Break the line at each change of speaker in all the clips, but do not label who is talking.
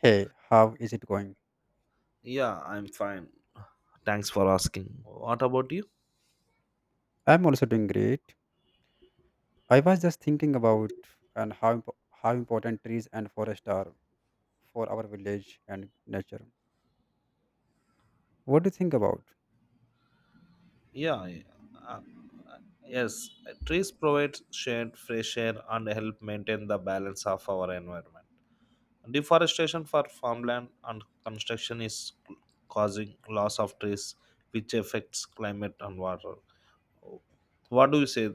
Hey, how is it going?
Yeah, I'm fine. Thanks for asking. What about you?
I'm also doing great. I was just thinking about and how how important trees and forest are for our village and nature. What do you think about?
Yeah, yeah. Uh, uh, yes, trees provide shade, fresh air, and help maintain the balance of our environment. Deforestation for farmland and construction is causing loss of trees, which affects climate and water. What do you say?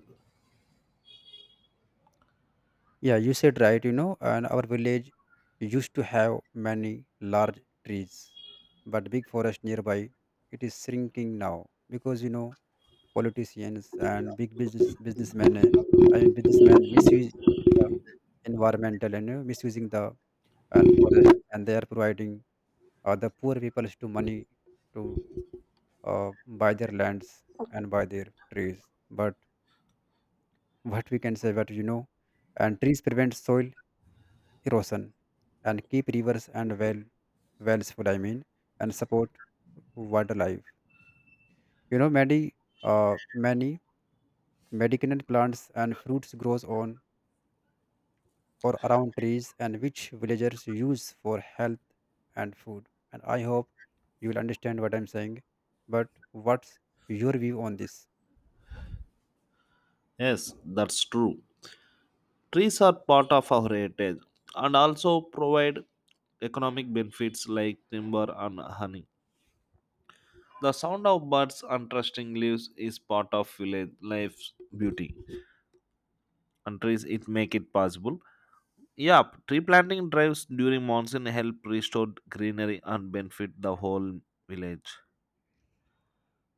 Yeah, you said right, and our village used to have many large trees, but big forest nearby, it is shrinking now because politicians and big businessmen, I mean businessmen misuse the environmental and misusing the and forest, and they are providing the poor people to money to buy their lands and buy their trees. But what we can say that and trees prevent soil erosion and keep rivers and wells full. I mean, and support wildlife. You know, many many medicinal plants and fruits grows on or around trees, and which villagers use for health and food. And I hope you will understand what I'm saying. But what's your view on this?
Yes, that's true. Trees are part of our heritage and also provide economic benefits like timber and honey. The sound of birds and rustling leaves is part of village life's beauty. And trees it make it possible. Yeah, tree planting drives during monsoon help restore greenery and benefit the whole village.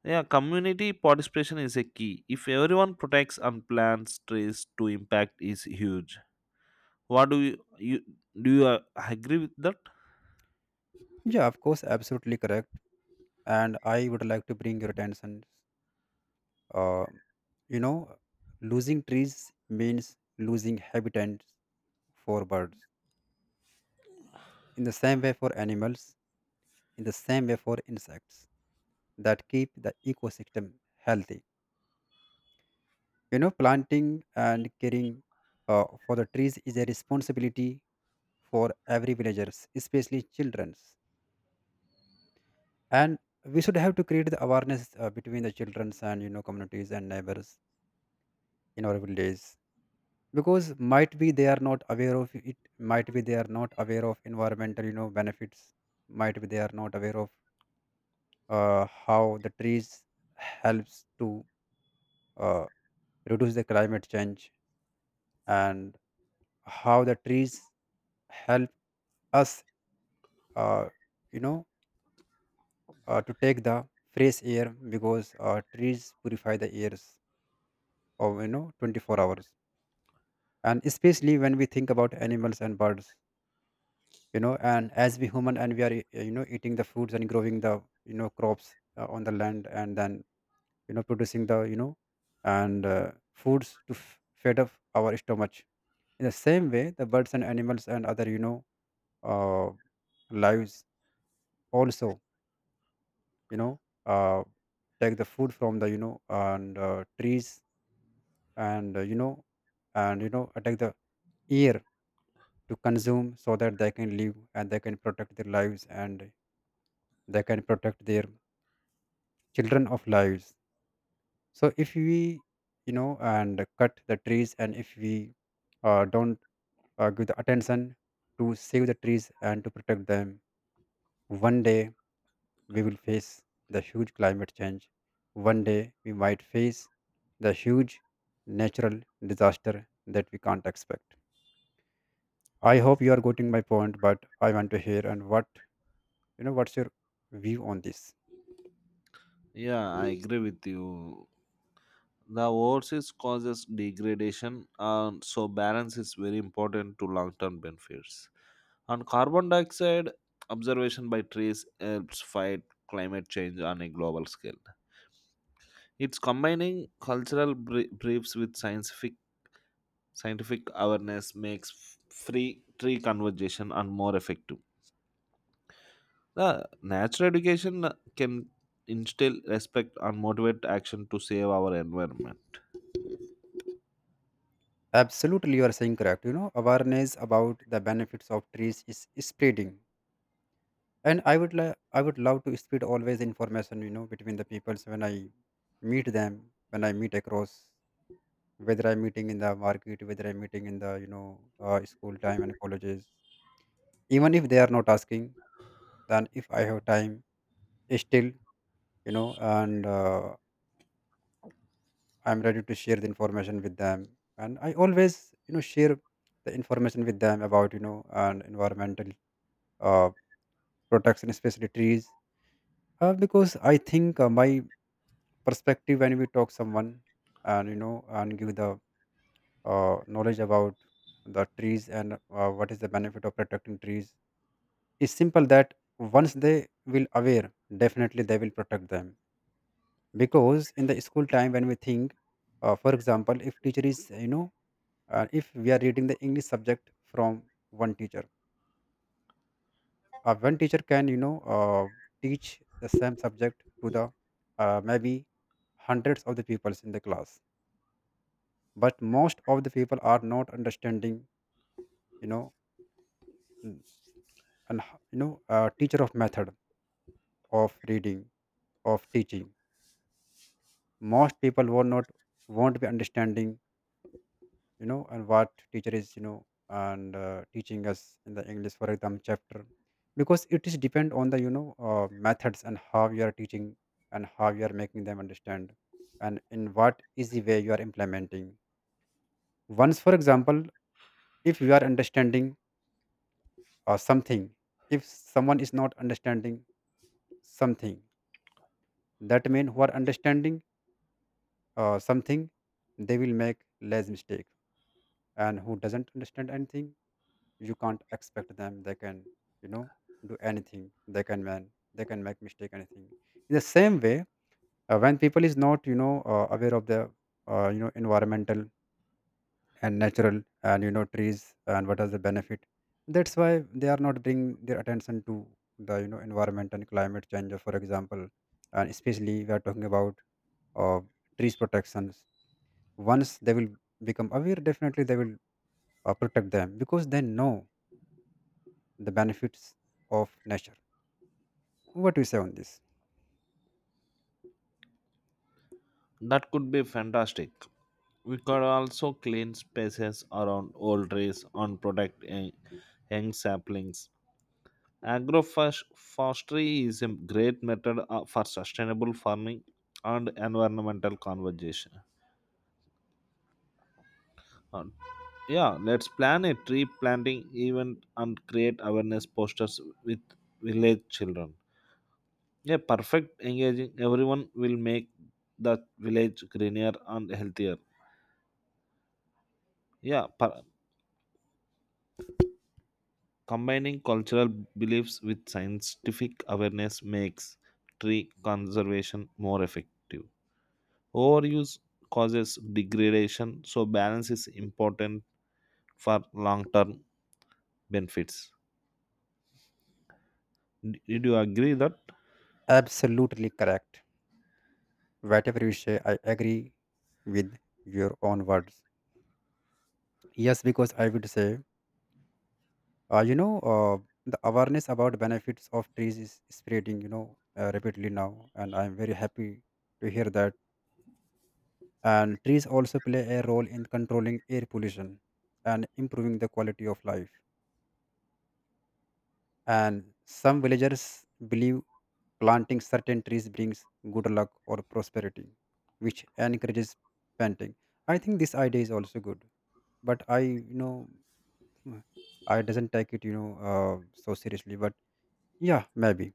Yeah, community participation is a key. If everyone protects and plants trees, to impact is huge. What do you do? You agree with that?
Yeah, of course, absolutely correct. And I would like to bring your attention. Uh, you know, losing trees means losing habitats for birds. In the same way for animals, in the same way for insects that keep the ecosystem healthy. Planting and caring for the trees is a responsibility for every villagers, especially childrens. And we should have to create the awareness between the childrens and communities and neighbors in our villages, because might be they are not aware of it, might be they are not aware of environmental benefits, might be they are not aware of how the trees helps to uh, reduce the climate change, and how the trees help us uh, you know to take the fresh air, because trees purify the airs of 24 hours. And especially when we think about animals and birds, and as we human, and we are eating the fruits and growing the crops on the land, and then producing the you know and foods to feed up our stomach. In the same way, the birds and animals and other uh, lives also you know uh, take the food from the you know and trees, and and take the air to consume so that they can live, and they can protect their lives, and they can protect their children of lives. So if we you know and cut the trees, and if we don't give the attention to save the trees and to protect them, one day we will face the huge climate change. One day we might face the huge natural disaster that we can't expect. I hope you are getting my point, but I want to hear, and what's your view on this.
Yeah, I agree with you. The overseas causes degradation, and so balance is very important to long-term benefits. And carbon dioxide observation by trees helps fight climate change on a global scale. It's combining cultural briefs with scientific awareness makes free tree conversation and more effective. The natural education can instill respect and motivate action to save our environment.
Absolutely, you are saying correct. You know, awareness about the benefits of trees is spreading, and I would I would love to spread always information. You know, between the peoples when I meet them, when I meet across, whether I'm meeting in the market, whether I'm meeting in the school time and colleges, even if they are not asking, then if I have time, still you know, and I'm ready to share the information with them, and I always share the information with them about you know and environmental uh, protection, especially trees. Because I think my perspective, when we talk someone and and give the knowledge about the trees and what is the benefit of protecting trees, is simple that once they will aware, definitely they will protect them. Because in the school time when we think, for example, if teacher is if we are reading the English subject from one teacher. One teacher can, teach the same subject to the maybe hundreds of the people in the class, but most of the people are not understanding, you know, n- and h- you know, teacher of method of reading of teaching. Most people will not, won't be understanding and what teacher is you know and teaching us in the English, for example, chapter, because it is depend on the methods, and how you are teaching, and how you are making them understand, and in what easy way you are implementing. Once, for example, if you are understanding something, if someone is not understanding something, that means who are understanding something, they will make less mistake, and who doesn't understand anything, you can't expect them, they can you know do anything, they can man, they can make mistake anything. In the same way, when people is not aware of the environmental and natural and trees and what is the benefit, that's why they are not bringing their attention to the environment and climate change, for example. And especially we are talking about uh, trees protections, once they will become aware, definitely they will protect them, because they know the benefits of nature. What do you say on this?
That could be fantastic. We could also clean spaces around old trees and protect young saplings. Agroforestry is a great method for sustainable farming and environmental conservation. And yeah, let's plan a tree planting event and create awareness posters with village children. Yeah, perfect engaging. Everyone will make the village greener and healthier. Yeah, per- Combining cultural beliefs with scientific awareness makes tree conservation more effective. Overuse causes degradation, so balance is important for long term benefits. Did you agree that?
Absolutely correct. Whatever you say, I agree with your own words. Yes, because I would say, uh, you know, uh, the awareness about benefits of trees is spreading, rapidly now, and I'm very happy to hear that. And trees also play a role in controlling air pollution and improving the quality of life. And some villagers believe planting certain trees brings good luck or prosperity, which encourages planting. I think this idea is also good, but I, I doesn't take it, so seriously. But yeah, maybe.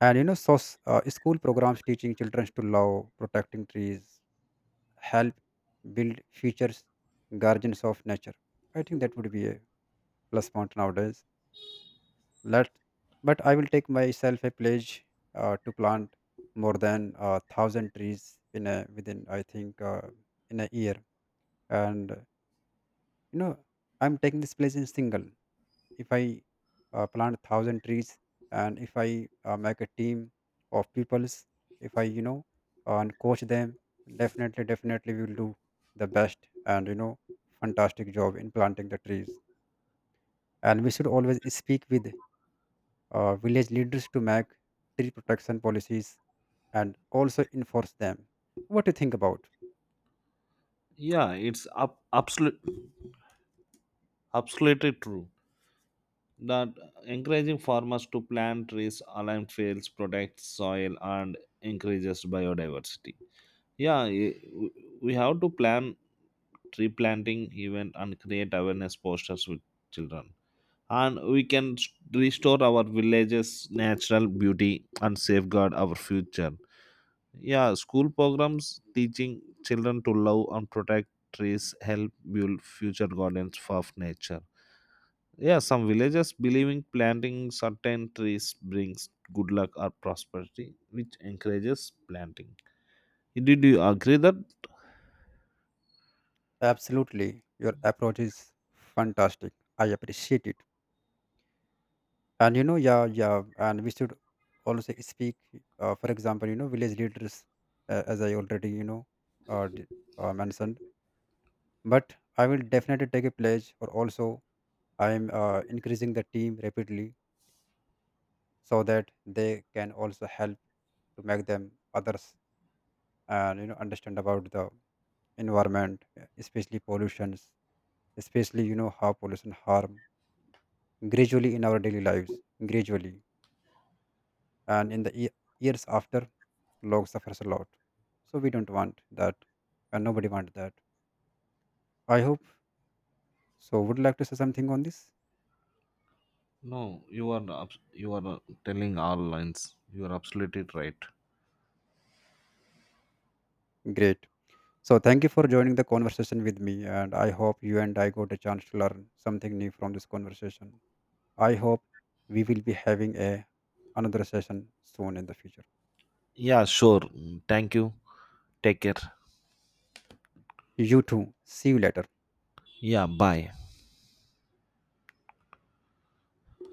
And school programs teaching children to love protecting trees help build futures guardians of nature. I think that would be a plus point nowadays. Let But I will take myself a pledge to plant more than a thousand trees in a, within, I think in a year. And you know I'm taking this pledge in single. If I plant a thousand trees, and if I make a team of peoples, if I and coach them, definitely we will do the best, and fantastic job in planting the trees. And we should always speak with village leaders to make tree protection policies, and also enforce them. What do you think about?
Yeah, absolutely true that encouraging farmers to plant trees, align fields, protect soil, and increases biodiversity. Yeah, i- we have to plan tree planting event and create awareness posters with children, and we can restore our villages natural beauty and safeguard our future. Yeah, school programs teaching children to love and protect trees help build future gardens of nature. Yeah, some villages believing planting certain trees brings good luck or prosperity, which encourages planting. Did you agree that?
Absolutely, your approach is fantastic. I appreciate it. And yeah, yeah, and we should also speak. For example, village leaders, as I already uh, d- mentioned. But I will definitely take a pledge, or also I am increasing the team rapidly, so that they can also help to make them others and understand about the environment, especially pollutions, especially how pollution harm gradually in our daily lives, gradually, and in the years after, log suffers a lot. So we don't want that, and nobody want that. I hope so. Would like to say something on this?
No, you are you are telling all lines. You are absolutely right.
Great. So thank you for joining the conversation with me, and I hope you and I got a chance to learn something new from this conversation. I hope we will be having a another session soon in the future.
Yeah, sure. Thank you. Take care.
You too. See you later.
Yeah, bye.